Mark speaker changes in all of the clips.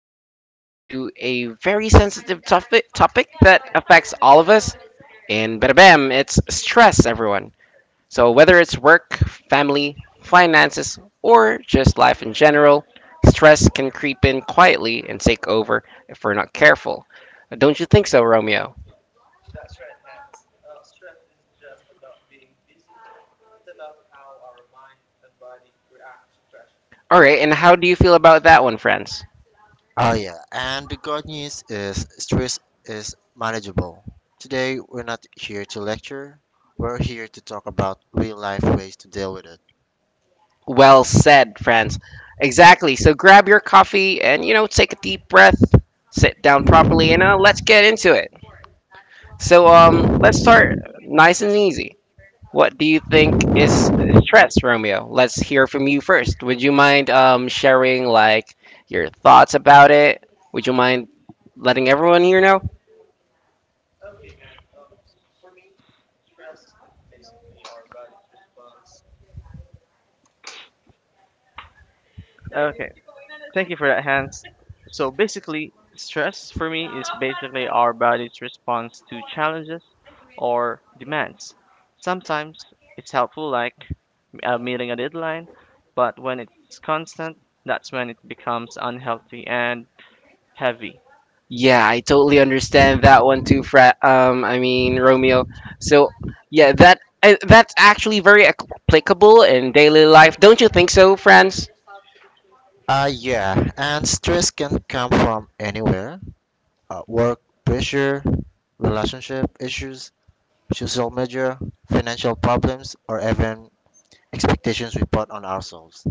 Speaker 1: we're diving into a very sensitive topic that affects all of us. And bada bam, it's stress, everyone. So whether it's work, family, finances, or just life in general, stress can creep in quietly and take over if we're not careful. Don't you think so, Romeo? All right, and how do you feel about that one, friends?
Speaker 2: Oh yeah, and the good news is stress is manageable. Today we're not here to lecture, we're here to talk about real life ways to deal with it.
Speaker 1: Well said, friends. Exactly. So grab your coffee and, take a deep breath, sit down properly, and let's get into it. So, let's start nice and easy. What do you think is stress, Romeo? Let's hear from you first. Would you mind sharing, like, your thoughts about it? Would you mind letting everyone here know?
Speaker 3: Okay, thank you for that, Hans. So basically, stress for me is basically our body's response to challenges or demands. Sometimes it's helpful, like meeting a deadline, but when it's constant, that's when it becomes unhealthy and heavy.
Speaker 1: Yeah, I totally understand that one too, Romeo. So yeah, that's actually very applicable in daily life, don't you think so, Franz?
Speaker 2: Yeah, and stress can come from anywhere. Work pressure, relationship issues, social media, financial problems, or even expectations we put on ourselves.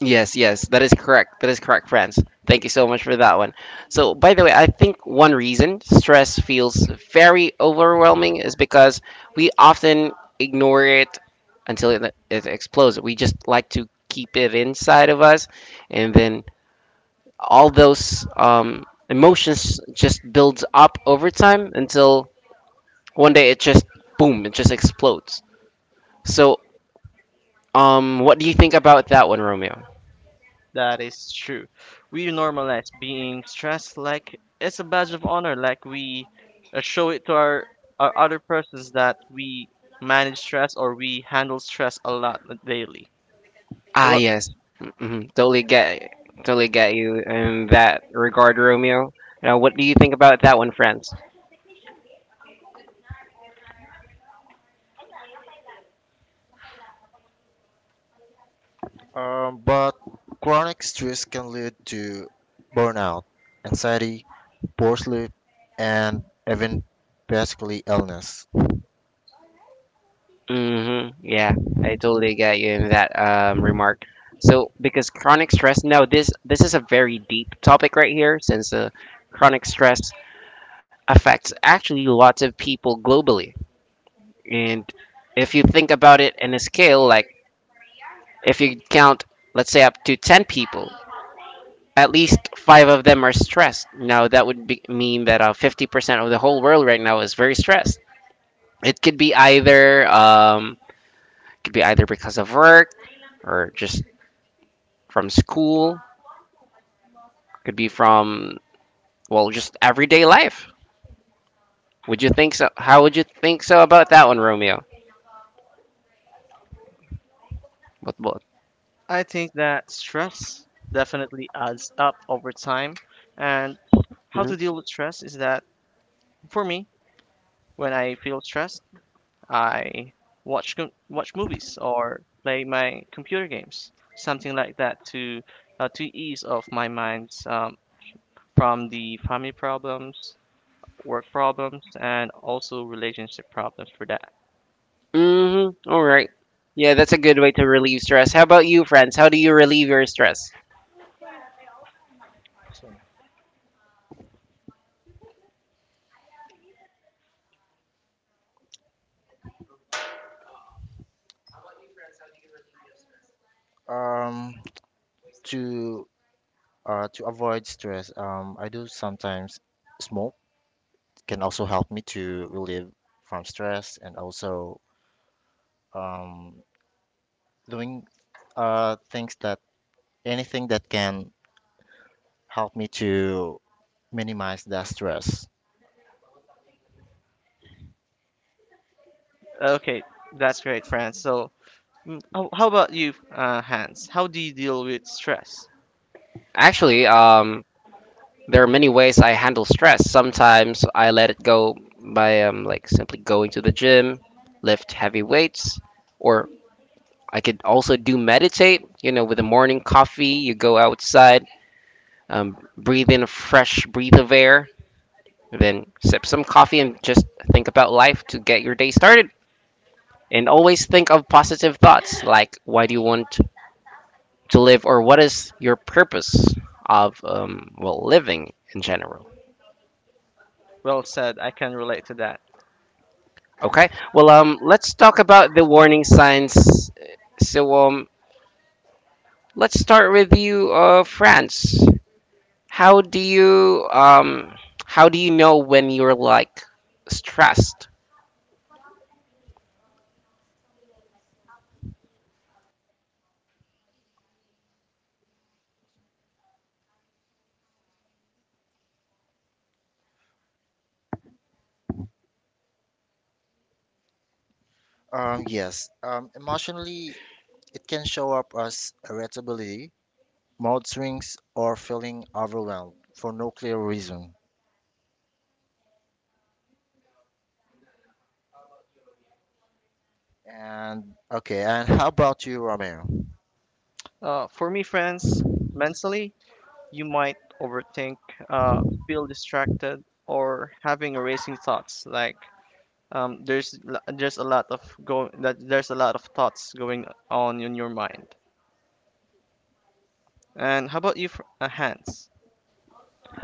Speaker 1: Yes, yes, that is correct. That is correct, friends. Thank you so much for that one. So, by the way, I think one reason stress feels very overwhelming is because we often ignore it until it explodes. We just like to keep it inside of us, and then all those emotions just builds up over time until one day it just boom, it just explodes. So, what do you think about that one, Romeo?
Speaker 3: That is true. We normalize being stressed like it's a badge of honor, like we show it to our other persons that we manage stress or we handle stress a lot daily.
Speaker 1: Ah,
Speaker 3: Well,
Speaker 1: yes, hmm totally get you in that regard, Romeo. Now, what do you think about that one, friends?
Speaker 2: But chronic stress can lead to burnout, anxiety, poor sleep, and even basically illness.
Speaker 1: Mm-hmm. Yeah, I totally get you in that remark. So, because chronic stress, now this is a very deep topic right here, since chronic stress affects actually lots of people globally. And if you think about it in a scale, like if you count, let's say, up to 10 people, at least five of them are stressed. Now, that would mean that 50% of the whole world right now is very stressed. It could be either because of work or just from school, could be from well, just everyday life. Would you think so? How would you think so about that one, Romeo? What?
Speaker 3: I think that stress definitely adds up over time. And how to deal with stress is that for me, when I feel stressed, I watch movies or play my computer games, something like that to ease off my mind from the family problems, work problems, and also relationship problems for that.
Speaker 1: Mhm. All right. Yeah, that's a good way to relieve stress. How about you, friends? How do you relieve your stress?
Speaker 2: So, Um, to to avoid stress, I do sometimes smoke can also help me to relieve from stress and also um, doing things that anything that can help me to minimize that stress.
Speaker 3: Okay, that's great, friends. So, mm, how about you, Hans? How do you deal with stress?
Speaker 1: Actually, there are many ways I handle stress. Sometimes I let it go by like simply going to the gym, lift heavy weights, or I could also do meditate. You know, with a morning coffee, you go outside, breathe in a fresh breath of air, then sip some coffee and just think about life to get your day started. And always think of positive thoughts, like why do you want to live or what is your purpose of well living in general.
Speaker 3: Well said. I can relate to that.
Speaker 1: Okay, well let's talk about the warning signs. So, let's start with you, france how do you um how do you know when you're like stressed?
Speaker 2: Yes, Emotionally, it can show up as irritability, mood swings, or feeling overwhelmed for no clear reason. And okay, and how about you, Romeo?
Speaker 3: For me, friends, mentally, you might overthink, uh, feel distracted, or having racing thoughts. Like um, there's there's a lot of thoughts going on in your mind. And how about you, for, Hans?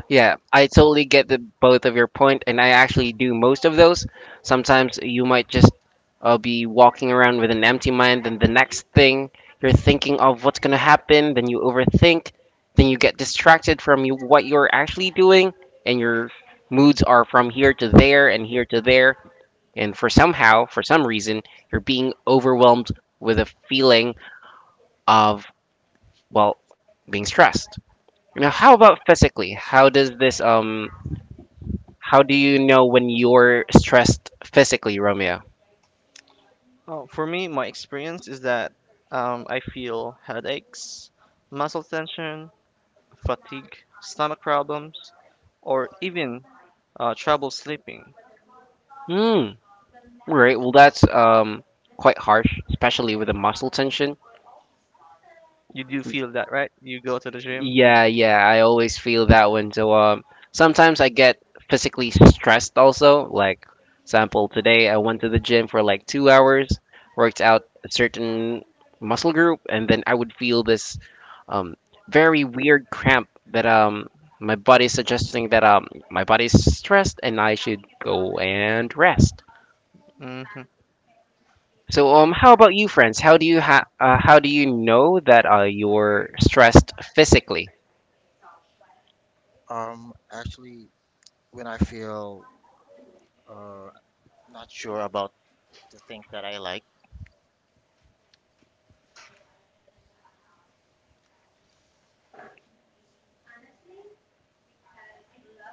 Speaker 1: Yeah, I totally get the both of your point, and I actually do most of those. Sometimes you might just be walking around with an empty mind, and the next thing you're thinking of what's gonna happen, then you overthink, then you get distracted from what you're actually doing, and your moods are from here to there and here to there, and for somehow, for some reason, you're being overwhelmed with a feeling of well, being stressed. Now, how about physically? How does this how do you know when you're stressed physically, Romeo?
Speaker 3: Oh, for me, my experience is that I feel headaches, muscle tension, fatigue, stomach problems, or even trouble sleeping.
Speaker 1: Hmm. Right. Well, that's quite harsh, especially with the muscle tension.
Speaker 3: You do feel that, right? You go to the gym.
Speaker 1: Yeah, yeah, I always feel that one. So sometimes I get physically stressed also. Like, sample today I went to the gym for like 2 hours, worked out a certain muscle group, and then I would feel this um very weird cramp that my body's suggesting that my body's stressed and I should go and rest.
Speaker 3: Hmm.
Speaker 1: So how about you, friends? How do you know that you're stressed physically?
Speaker 2: Actually, when I feel uh, not sure about the thing that I like,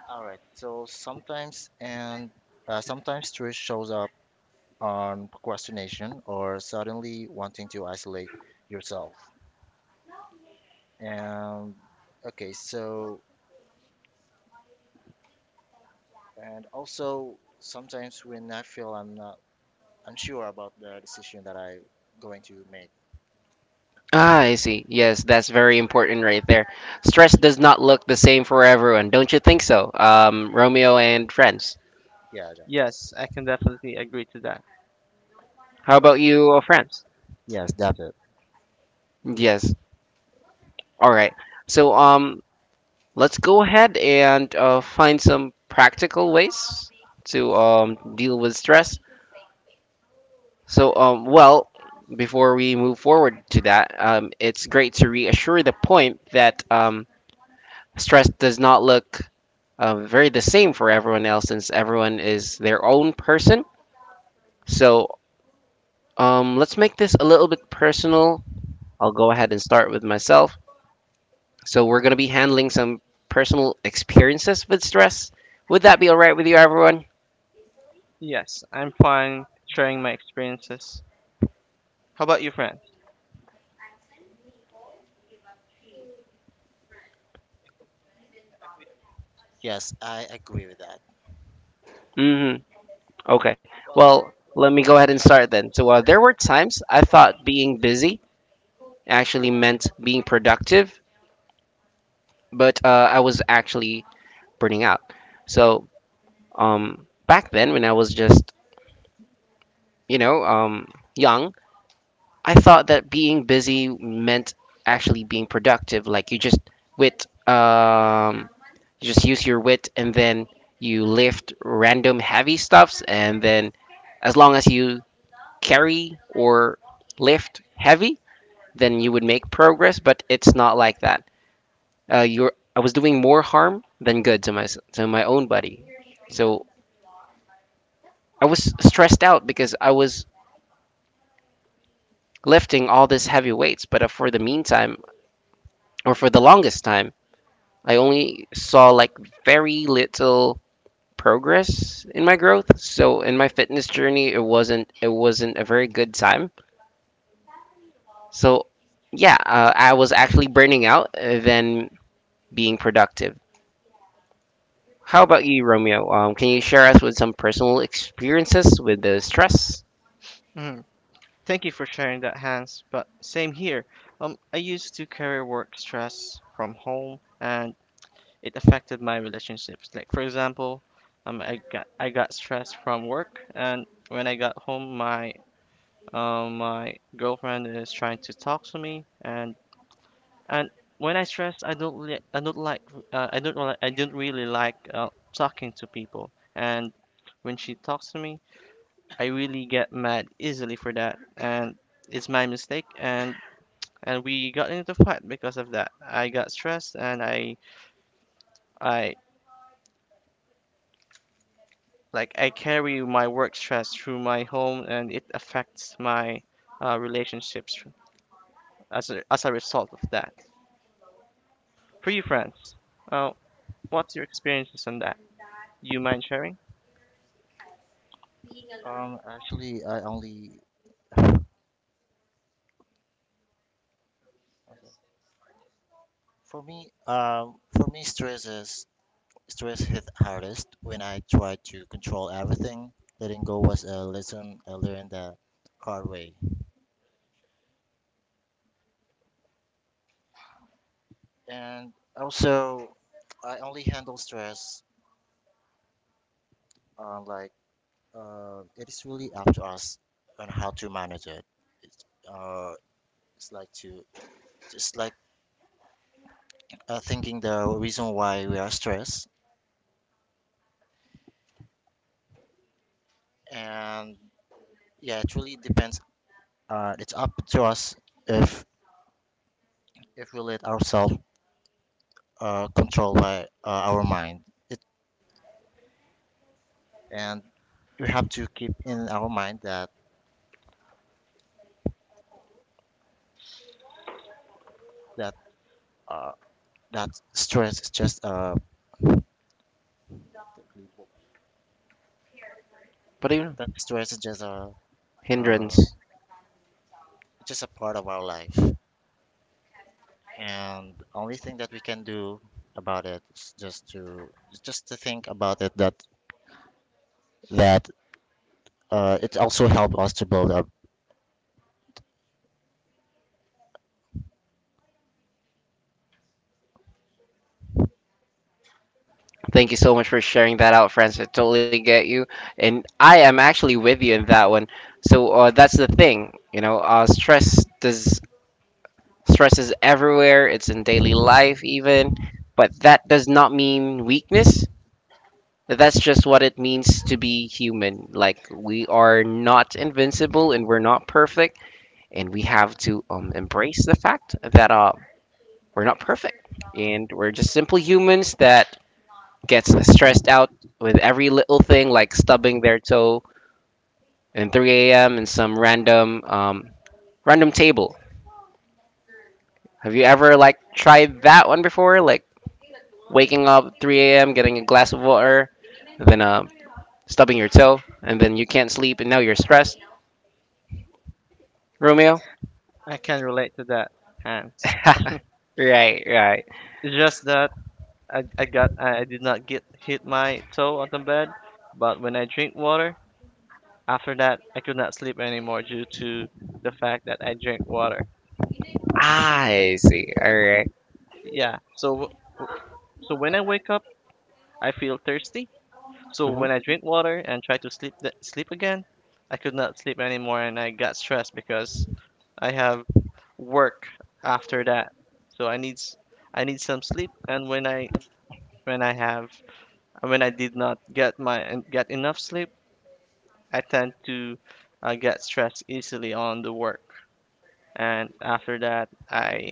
Speaker 2: all right. So sometimes and sometimes stress shows up on procrastination or suddenly wanting to isolate yourself. And okay, so and also sometimes when I feel I'm not unsure about the decision that I going to make.
Speaker 1: Ah, I see. Yes, that's very important right there. Stress does not look the same for everyone, don't you think so? Romeo and friends.
Speaker 2: Yeah, that.
Speaker 3: Yes, I can definitely agree to that.
Speaker 1: How about you, friends?
Speaker 2: Yes, that's it.
Speaker 1: Yes. All right. So let's go ahead and find some practical ways to deal with stress. So well, before we move forward to that, it's great to reassure the point that stress does not look very the same for everyone else since everyone is their own person. So let's make this a little bit personal. I'll go ahead and start with myself. So we're going to be handling some personal experiences with stress. Would that be all right with you, everyone?
Speaker 3: Yes, I'm fine sharing my experiences. How about you, friend?
Speaker 2: Yes, I agree with that.
Speaker 1: Mm-hmm. Okay. Well, let me go ahead and start then. So there were times I thought being busy actually meant being productive, but I was actually burning out. So back then, when I was just you know um, young, I thought that being busy meant actually being productive. Like you just wit, um, you just use your wit, and then you lift random heavy stuffs, and then as long as you carry or lift heavy, then you would make progress. But it's not like that. You're I was doing more harm than good to my own body, so I was stressed out because I was lifting all these heavy weights. But for the meantime, or for the longest time I only saw like very little progress in my growth. So in my fitness journey, it wasn't a very good time. So yeah, I was actually burning out than being productive. How about you, Romeo? Can you share us with some personal experiences with the stress,
Speaker 3: Mhm. Thank you for sharing that, Hans. But same here. I used to carry work stress from home, and it affected my relationships. Like for example, I got stressed from work, and when I got home, my girlfriend is trying to talk to me, and when I stress, I don't like I don't really like talking to people. And when she talks to me, I really get mad easily for that. And it's my mistake. And we got into fight because of that. I got stressed, and I like I carry my work stress through my home, and it affects my relationships as a result of that. For you, friends, uh, what's your experiences on that? You mind sharing?
Speaker 2: Actually, I only for me, stress hit hardest when I try to control everything. Letting go was a lesson I learned the hard way. And also, I only handle stress uh, like it is really up to us on how to manage it. It's uh, it's like to just like thinking the reason why we are stressed, and yeah, it really depends. It's up to us if we let ourselves control by our mind it and we have to keep in our mind that uh, that stress is just
Speaker 1: but you know,
Speaker 2: a
Speaker 1: hindrance?
Speaker 2: uh, just a part of our life and only thing that we can do about it is just to think about it that that it also helped us to build up
Speaker 1: Thank you so much for sharing that out, friends. I totally get you, and I am actually with you in that one. So that's the thing, you know, Stress is everywhere, it's in daily life even, but that does not mean weakness. That's just what it means to be human. Like we are not invincible and we're not perfect, and we have to embrace the fact that we're not perfect and we're just simple humans that gets stressed out with every little thing, like stubbing their toe in 3 a.m. in some random table. Have you ever like tried that one before? Like waking up 3 a.m., getting a glass of water, then stubbing your toe, and then you can't sleep, and now you're stressed, Romeo?
Speaker 3: I can relate to that, and
Speaker 1: Right, right.
Speaker 3: it's just that I did not get hit my toe on the bed, but when I drink water, after that I could not sleep anymore due to the fact that I drank water.
Speaker 1: I see. All right.
Speaker 3: Yeah, so w- when I wake up, I feel thirsty. So
Speaker 1: Mm-hmm.
Speaker 3: when I drink water and try to sleep again, I could not sleep anymore, and I got stressed because I have work after that. So I need some sleep, and when I have and when I did not get enough sleep, I tend to get stressed easily on the work. And after that,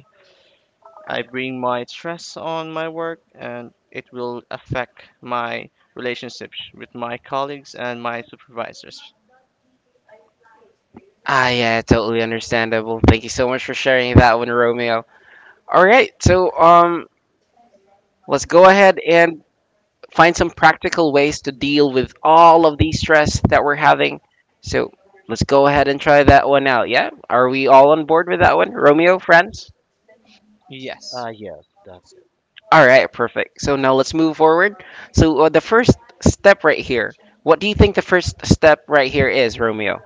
Speaker 3: I bring my stress on my work, and it will affect my relationships with my colleagues and my supervisors.
Speaker 1: Ah, yeah, totally understandable. Thank you so much for sharing that one, Romeo. All right, so let's go ahead and find some practical ways to deal with all of the stress that we're having. So let's go ahead and try that one out. Yeah, are we all on board with that one, Romeo, friends?
Speaker 3: Yes.
Speaker 2: yes that's it
Speaker 1: All right, perfect. So now let's move forward. So the first step right here. What do you think the first step right here is, Romeo?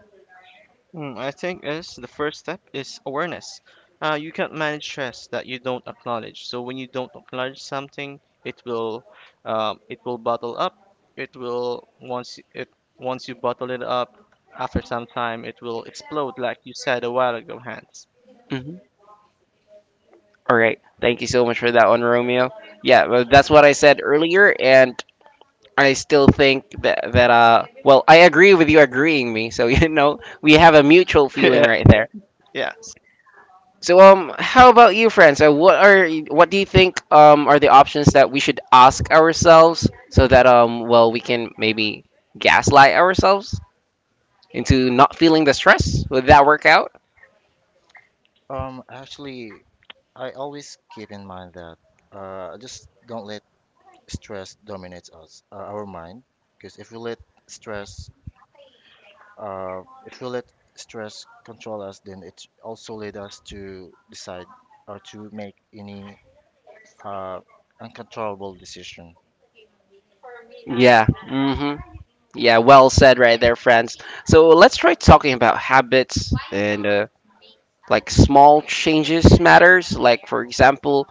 Speaker 3: Mm, I think is the first step is awareness. You can't manage stress that you don't acknowledge. So when you don't acknowledge something, it will bottle up. It will once y- it Once you bottle it up, after some time, it will explode, like you said a while ago, Hans.
Speaker 1: Hmm. All right. Thank you so much for that one, Romeo. Yeah, well, that's what I said earlier, and I still think that well, I agree with you agreeing me. So you know, we have a mutual feeling
Speaker 3: Yeah,
Speaker 1: right there.
Speaker 3: yes.
Speaker 1: So how about you, friends? So what do you think are the options that we should ask ourselves so that well we can maybe gaslight ourselves into not feeling the stress? Would that work out?
Speaker 2: actually I always keep in mind that just don't let stress dominates us, our mind. Because if we let stress, if we let stress control us, then it also lead us to decide or to make any uh, uncontrollable decision
Speaker 1: Yeah. Mm-hmm. Yeah. Well said, right there, friends. So let's try talking about habits and like small changes matters. Like for example,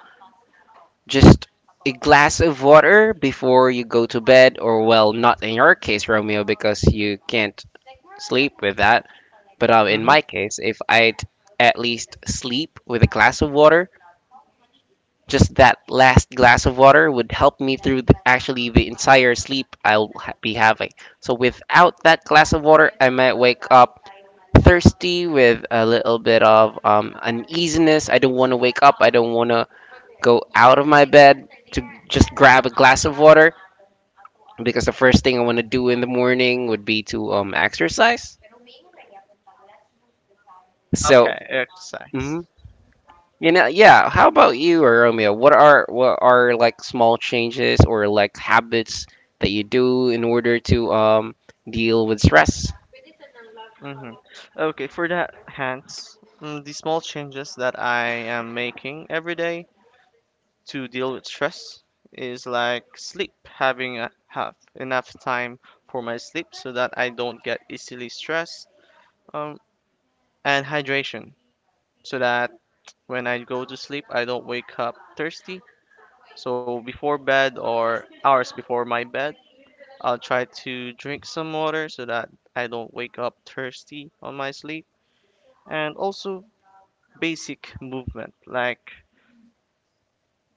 Speaker 1: just a glass of water before you go to bed, or well, not in your case, Romeo, because you can't sleep with that. But in
Speaker 3: Mm-hmm.
Speaker 1: my case, if I'd at least sleep with a glass of water, just that last glass of water would help me through the, actually the entire sleep be having. So without that glass of water, I might wake up thirsty with a little bit of uneasiness. I don't want to wake up. I don't want to go out of my bed to just grab a glass of water because the first thing I want to do in the morning would be to exercise. So.
Speaker 3: Okay, exercise.
Speaker 1: Mm-hmm. You know, yeah. How about you, Romeo? What are like small changes or like habits that you do in order to deal with stress?
Speaker 3: Mm-hmm. Okay, for that, Hans, mm, the small changes that I am making every day to deal with stress is like sleep, have enough time for my sleep so that I don't get easily stressed, um, and hydration so that when I go to sleep, I don't wake up thirsty. So before bed or hours before my bed, I'll try to drink some water so that I don't wake up thirsty on my sleep, and also basic movement like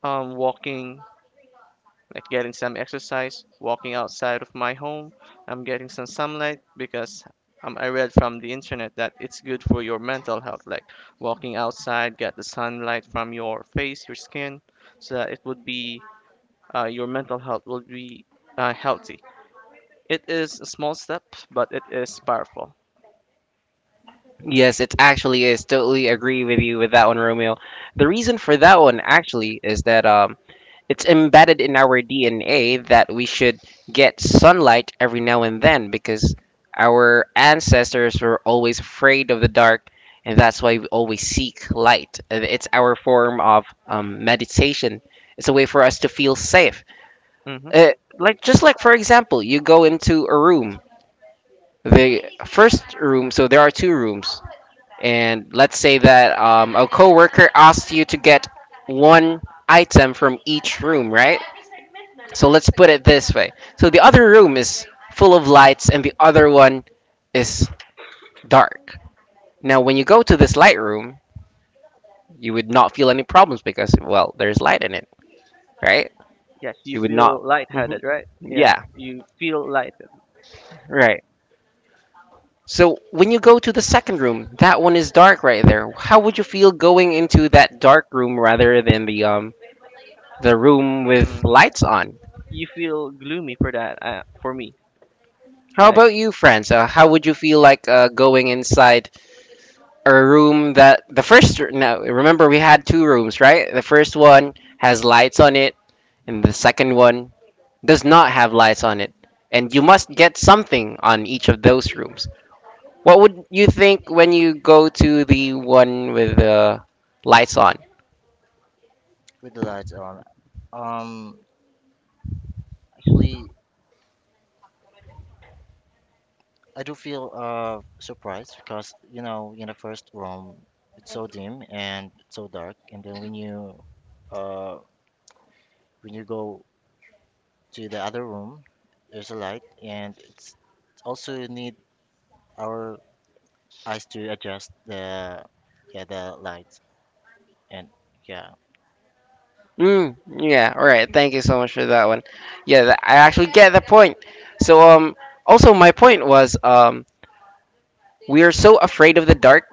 Speaker 3: walking, like getting some exercise, walking outside of my home. I'm getting some sunlight because I read from the internet that it's good for your mental health, like walking outside, get the sunlight from your face, your skin, so that it would be your mental health will be healthy. It is a small step, but it is powerful.
Speaker 1: Yes, it actually is. Totally agree with you with that one, Romeo. The reason for that one actually is that it's embedded in our DNA that we should get sunlight every now and then because our ancestors were always afraid of the dark, and that's why we always seek light. And it's our form of meditation. It's a way for us to feel safe.
Speaker 3: Hmm.
Speaker 1: Uh, just like for example, you go into a room, the first room. So there are two rooms, and let's say that a coworker asks you to get one item from each room, right? So let's put it this way. So the other room is full of lights and the other one is dark. Now when you go to this light room, you would not feel any problems because well, there's light in it, right?
Speaker 3: Yes, you
Speaker 1: You would not.
Speaker 3: feel
Speaker 1: Mhm.
Speaker 3: lightheaded, right? Yeah,
Speaker 1: Yeah,
Speaker 3: you feel lighted.
Speaker 1: right. So when you go to the second room, that one is dark right there. How would you feel going into that dark room rather than the room
Speaker 3: Hmm.
Speaker 1: with lights on?
Speaker 3: You feel gloomy for that. For me,
Speaker 1: How
Speaker 3: like.
Speaker 1: about you, friends? How would you feel like going inside a room that the first, no, remember, we had two rooms, right? The first one has lights on it and the second one does not have lights on it, and you must get something on each of those rooms. What would you think when you go to the one with the lights on?
Speaker 2: with the lights on. Um, Actually, I do feel surprised because you know in the first room it's so dim and so dark, and then when you uh when you go to the other room. There's a light, and it's also need our eyes to adjust the yeah the lights and yeah.
Speaker 1: Yeah, all right, thank you so much for that one. Yeah, I actually get the point. So, also my point was, we are so afraid of the dark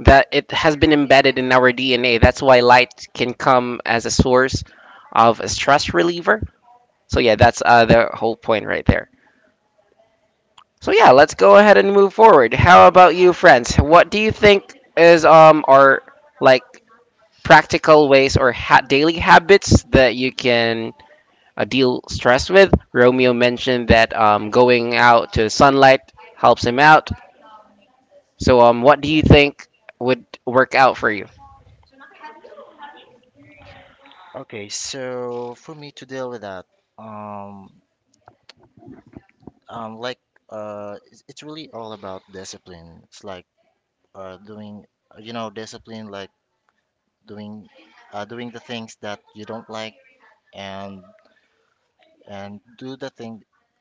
Speaker 1: that it has been embedded in our DNA. That's why light can come as a source of a stress reliever. So yeah, that's the whole point right there. So yeah, let's go ahead and move forward. How about you, friends? What do you think is our like practical ways or daily habits that you can deal stress with? Romeo mentioned that going out to sunlight helps him out. So what do you think would work out for you?
Speaker 2: Okay, so for me to deal with that, um, um, like it's really all about discipline. It's like doing you know discipline, like doing doing the things that you don't like and and do the thing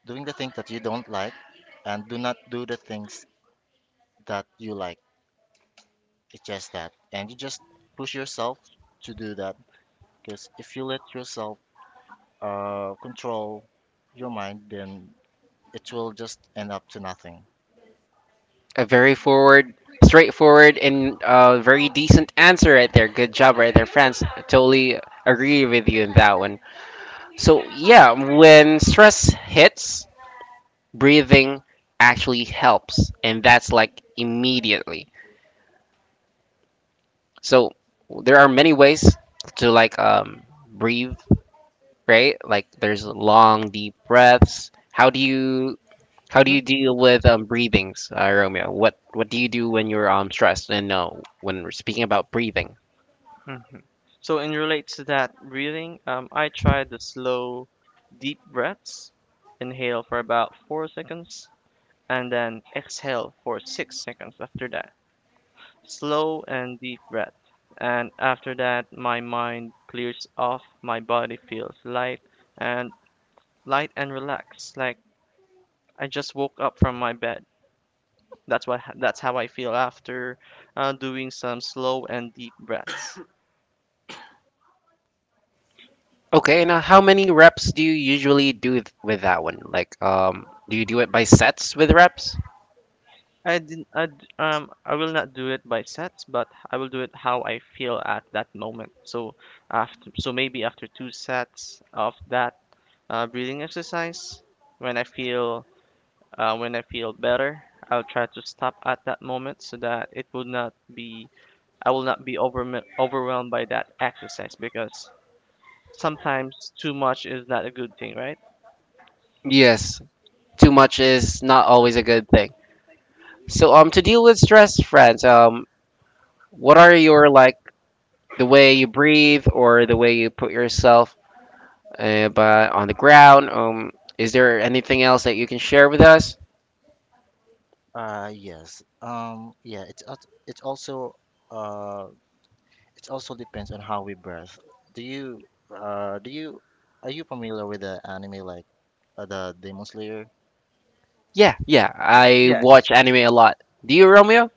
Speaker 2: doing the thing that you don't like and do not do the things that you like. It's just that, and you just push yourself to do that because if you let yourself control your mind, then it will just end up to nothing.
Speaker 1: A very forward, straightforward, and very decent answer right there. Good job right there, France. I totally agree with you in that one. So, yeah, when stress hits, breathing actually helps, and that's like immediately. So, there are many ways to like breathe, right? Like, there's long, deep breaths. How do you
Speaker 3: Mhm.
Speaker 1: deal with breathings, Romeo? What do you do when you're stressed? And when we're speaking about breathing,
Speaker 3: Hmm. So, in relates to that breathing, I tried the slow, deep breaths. Inhale for about 4 seconds, and then exhale for 6 seconds after that. Slow and deep breath. And after that, my mind clears off, my body feels light and relaxed. Like I just woke up from my bed. That's what that's how I feel after doing some slow and deep breaths.
Speaker 1: okay. Now, how many reps do you usually do with that one? Like, do you do it by sets with reps?
Speaker 3: I didn't. I will not do it by sets, but I will do it how I feel at that moment. So after, so maybe after two sets of that breathing exercise, when I feel when I feel better, I'll try to stop at that moment so that it will not be. I will not be overwhelmed by that exercise because sometimes too much is not a good thing, right?
Speaker 1: Yes, too much is not always a good thing. So, to deal with stress, friends, what are your like the way you breathe or the way you put yourself on the ground? Is there anything else that you can share with us?
Speaker 2: Yes. Yeah. It's also uh, it also depends on how we birth. Do you do you are you familiar with the anime like the Demon Slayer?
Speaker 1: Yeah, yeah.
Speaker 2: Yeah.
Speaker 1: I
Speaker 3: Yeah.
Speaker 1: watch anime a lot. Do you, Romeo?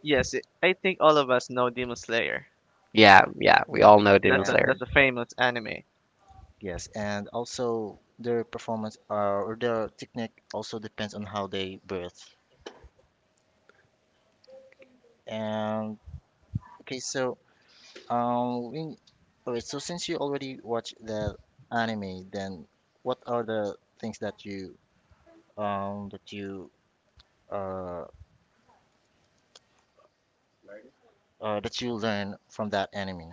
Speaker 3: Yes. It, I think all of us know Demon Slayer.
Speaker 1: Yeah, yeah. We
Speaker 2: Yes.
Speaker 1: all know Demon
Speaker 3: That's
Speaker 2: And
Speaker 1: Slayer.
Speaker 3: a famous anime.
Speaker 2: yes, and also their performance or their technique also depends on how they birth. Um, okay, so um, we, okay, so since you already watched the anime, then what are the things that you uh, that you learn from that anime?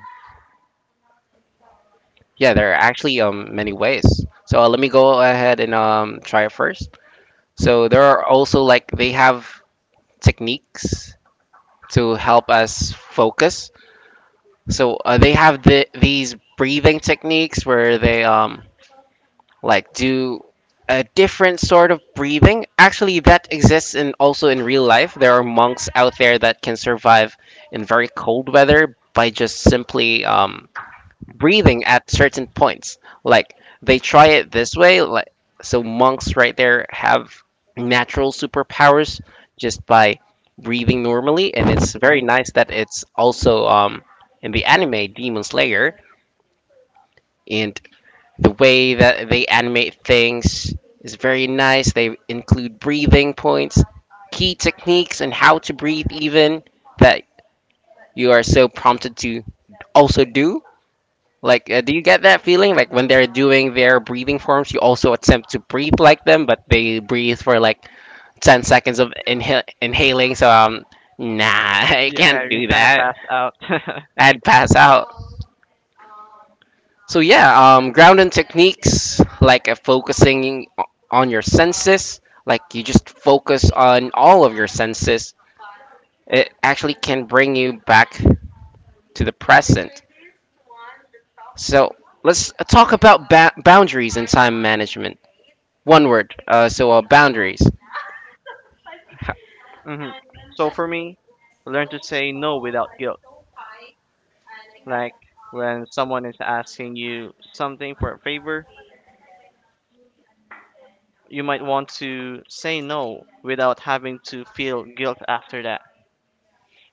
Speaker 1: Yeah, there are actually many ways. So let me go ahead and try it first. So there are also like they have techniques to help us focus. So they have these breathing techniques where they do a different sort of breathing. Actually, that exists in also in real life. There are monks out there that can survive in very cold weather by just simply breathing at certain points. Like they try it this way. Like so, monks right there have natural superpowers just by breathing normally, and it's very nice that it's also in the anime Demon Slayer. And the way that they animate things is very nice. They include breathing points, key techniques, and how to breathe, even that you are so prompted to also do. Like, do you get that feeling? Like, when they're doing their breathing forms, you also attempt to breathe like them, but they breathe for like 10 seconds of inhaling. So, nah, I
Speaker 3: Yeah,
Speaker 1: can't
Speaker 3: you
Speaker 1: do
Speaker 3: kind of
Speaker 1: that.
Speaker 3: passed out.
Speaker 1: I'd pass out. So yeah, grounding techniques like focusing on your senses, like you just focus on all of your senses. It actually can bring you back to the present. So let's talk about boundaries and time management. One word. Boundaries. Ha-
Speaker 3: Hmm. So for me, learn to say no without guilt. Like when someone is asking you something for a favor, you might want to say no without having to feel guilt after that.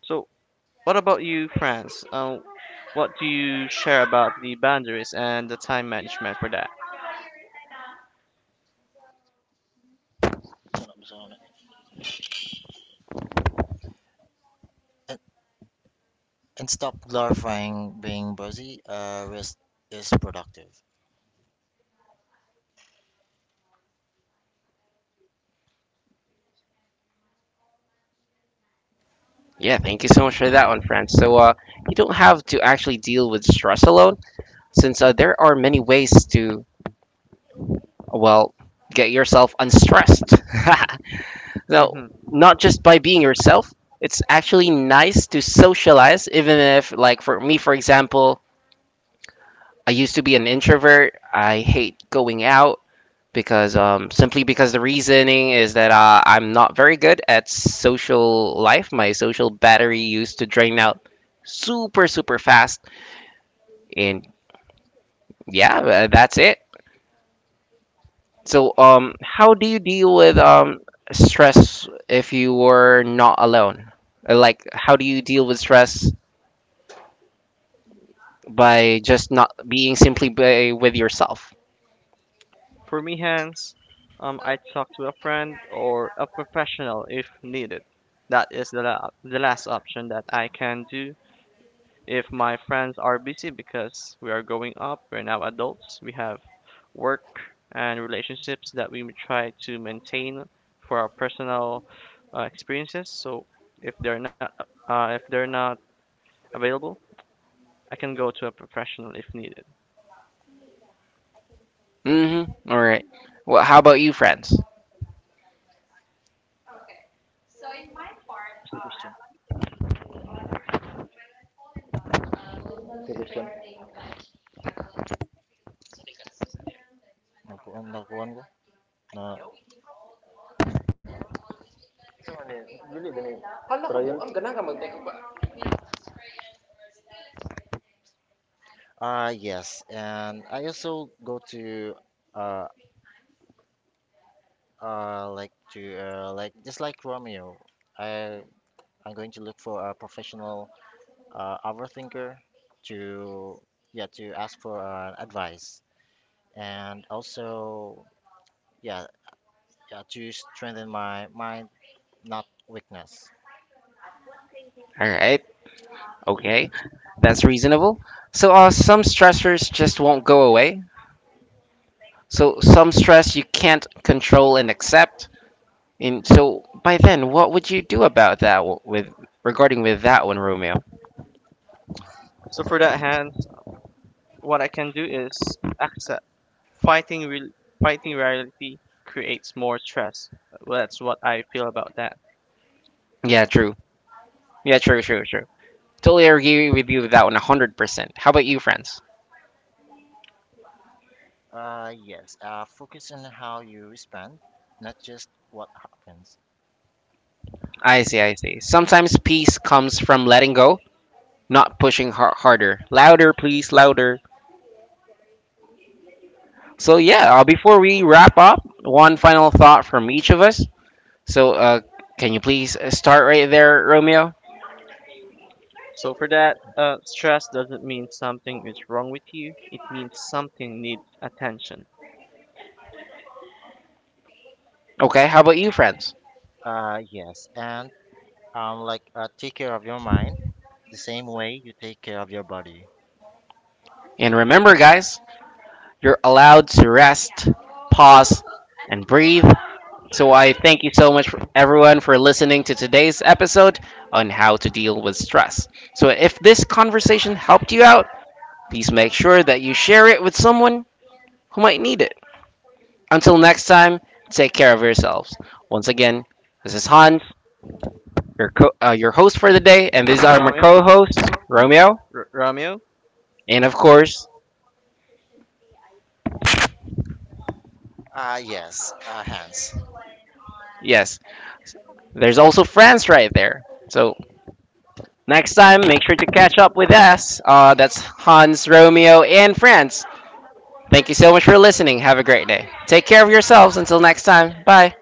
Speaker 3: So what about you, France? What do you share about the boundaries and the time management for that?
Speaker 2: And, and stop glorifying being busy. Rest is productive.
Speaker 1: Yeah, thank you so much for that one, friends. So you don't have to actually deal with stress alone, since there are many ways to well get yourself unstressed. Now, not just by being yourself, it's actually nice to socialize, even if, like, for me, for example, I used to be an introvert. I hate going out because, simply because the reasoning is that I'm not very good at social life. My social battery used to drain out super, super fast. And yeah, that's it. So, how do you deal with stress if you were not alone? Like, how do you deal with stress by just not being simply by, with yourself.
Speaker 3: For me, hands, I talk to a friend or a professional if needed. That is the last option that I can do if my friends are busy because we are growing up, we're now adults, we have work and relationships that we try to maintain for our personal experiences. So if they're not if they're not available, I can go to a professional if needed.
Speaker 1: Mm-hmm. All right. Well, how about you, friends?
Speaker 2: What's the question? Nakuha- nakuhaan ko? Na- ko, Trial? Ang Yes, and I also go to. Uh, uh, like to like just like Romeo, I I'm going to look for a professional overthinker to yeah to ask for advice and also yeah yeah to strengthen my mind not weakness.
Speaker 1: All right. Okay. That's reasonable. So, some stressors just won't go away. So, some stress you can't control and accept. And so, by then, what would you do about that with regarding with that one, Romeo?
Speaker 3: So for that, Hans, what I can do is access Fighting real fighting reality creates more stress. Well, that's what I feel about that.
Speaker 1: Yeah, true. Yeah, true, true, true. Totally agree with you with that one, 100%. How about you, friends?
Speaker 2: Yes, focus on how you respond, not just what happens.
Speaker 1: I see, I see. Sometimes peace comes from letting go, not pushing harder. Louder, please, louder. So yeah, before we wrap up, one final thought from each of us. So can you please start right there, Romeo?
Speaker 3: So for that, stress doesn't mean something is wrong with you. It means something needs attention.
Speaker 1: Okay, how about you, friends?
Speaker 2: Yes, and take care of your mind the same way you take care of your body.
Speaker 1: And remember, guys, you're allowed to rest, pause, and breathe. So I thank you so much, for everyone, for listening to today's episode on how to deal with stress. So if this conversation helped you out, please make sure that you share it with someone who might need it. Until next time, take care of yourselves. Once again, this is Hans, your host
Speaker 3: For
Speaker 1: for the
Speaker 3: the
Speaker 1: day,
Speaker 3: day,
Speaker 1: and
Speaker 3: and this
Speaker 1: these
Speaker 3: is
Speaker 1: are my
Speaker 3: Romeo,
Speaker 1: co-hosts, Romeo,
Speaker 3: Romeo.
Speaker 1: and of course,
Speaker 2: Yes, hands.
Speaker 1: yes, there's also France right there. So next time, make sure to catch up with us. That's Hans, Romeo, and France. Thank you so much for listening. Have a great day. Take care of yourselves. Until next time, bye.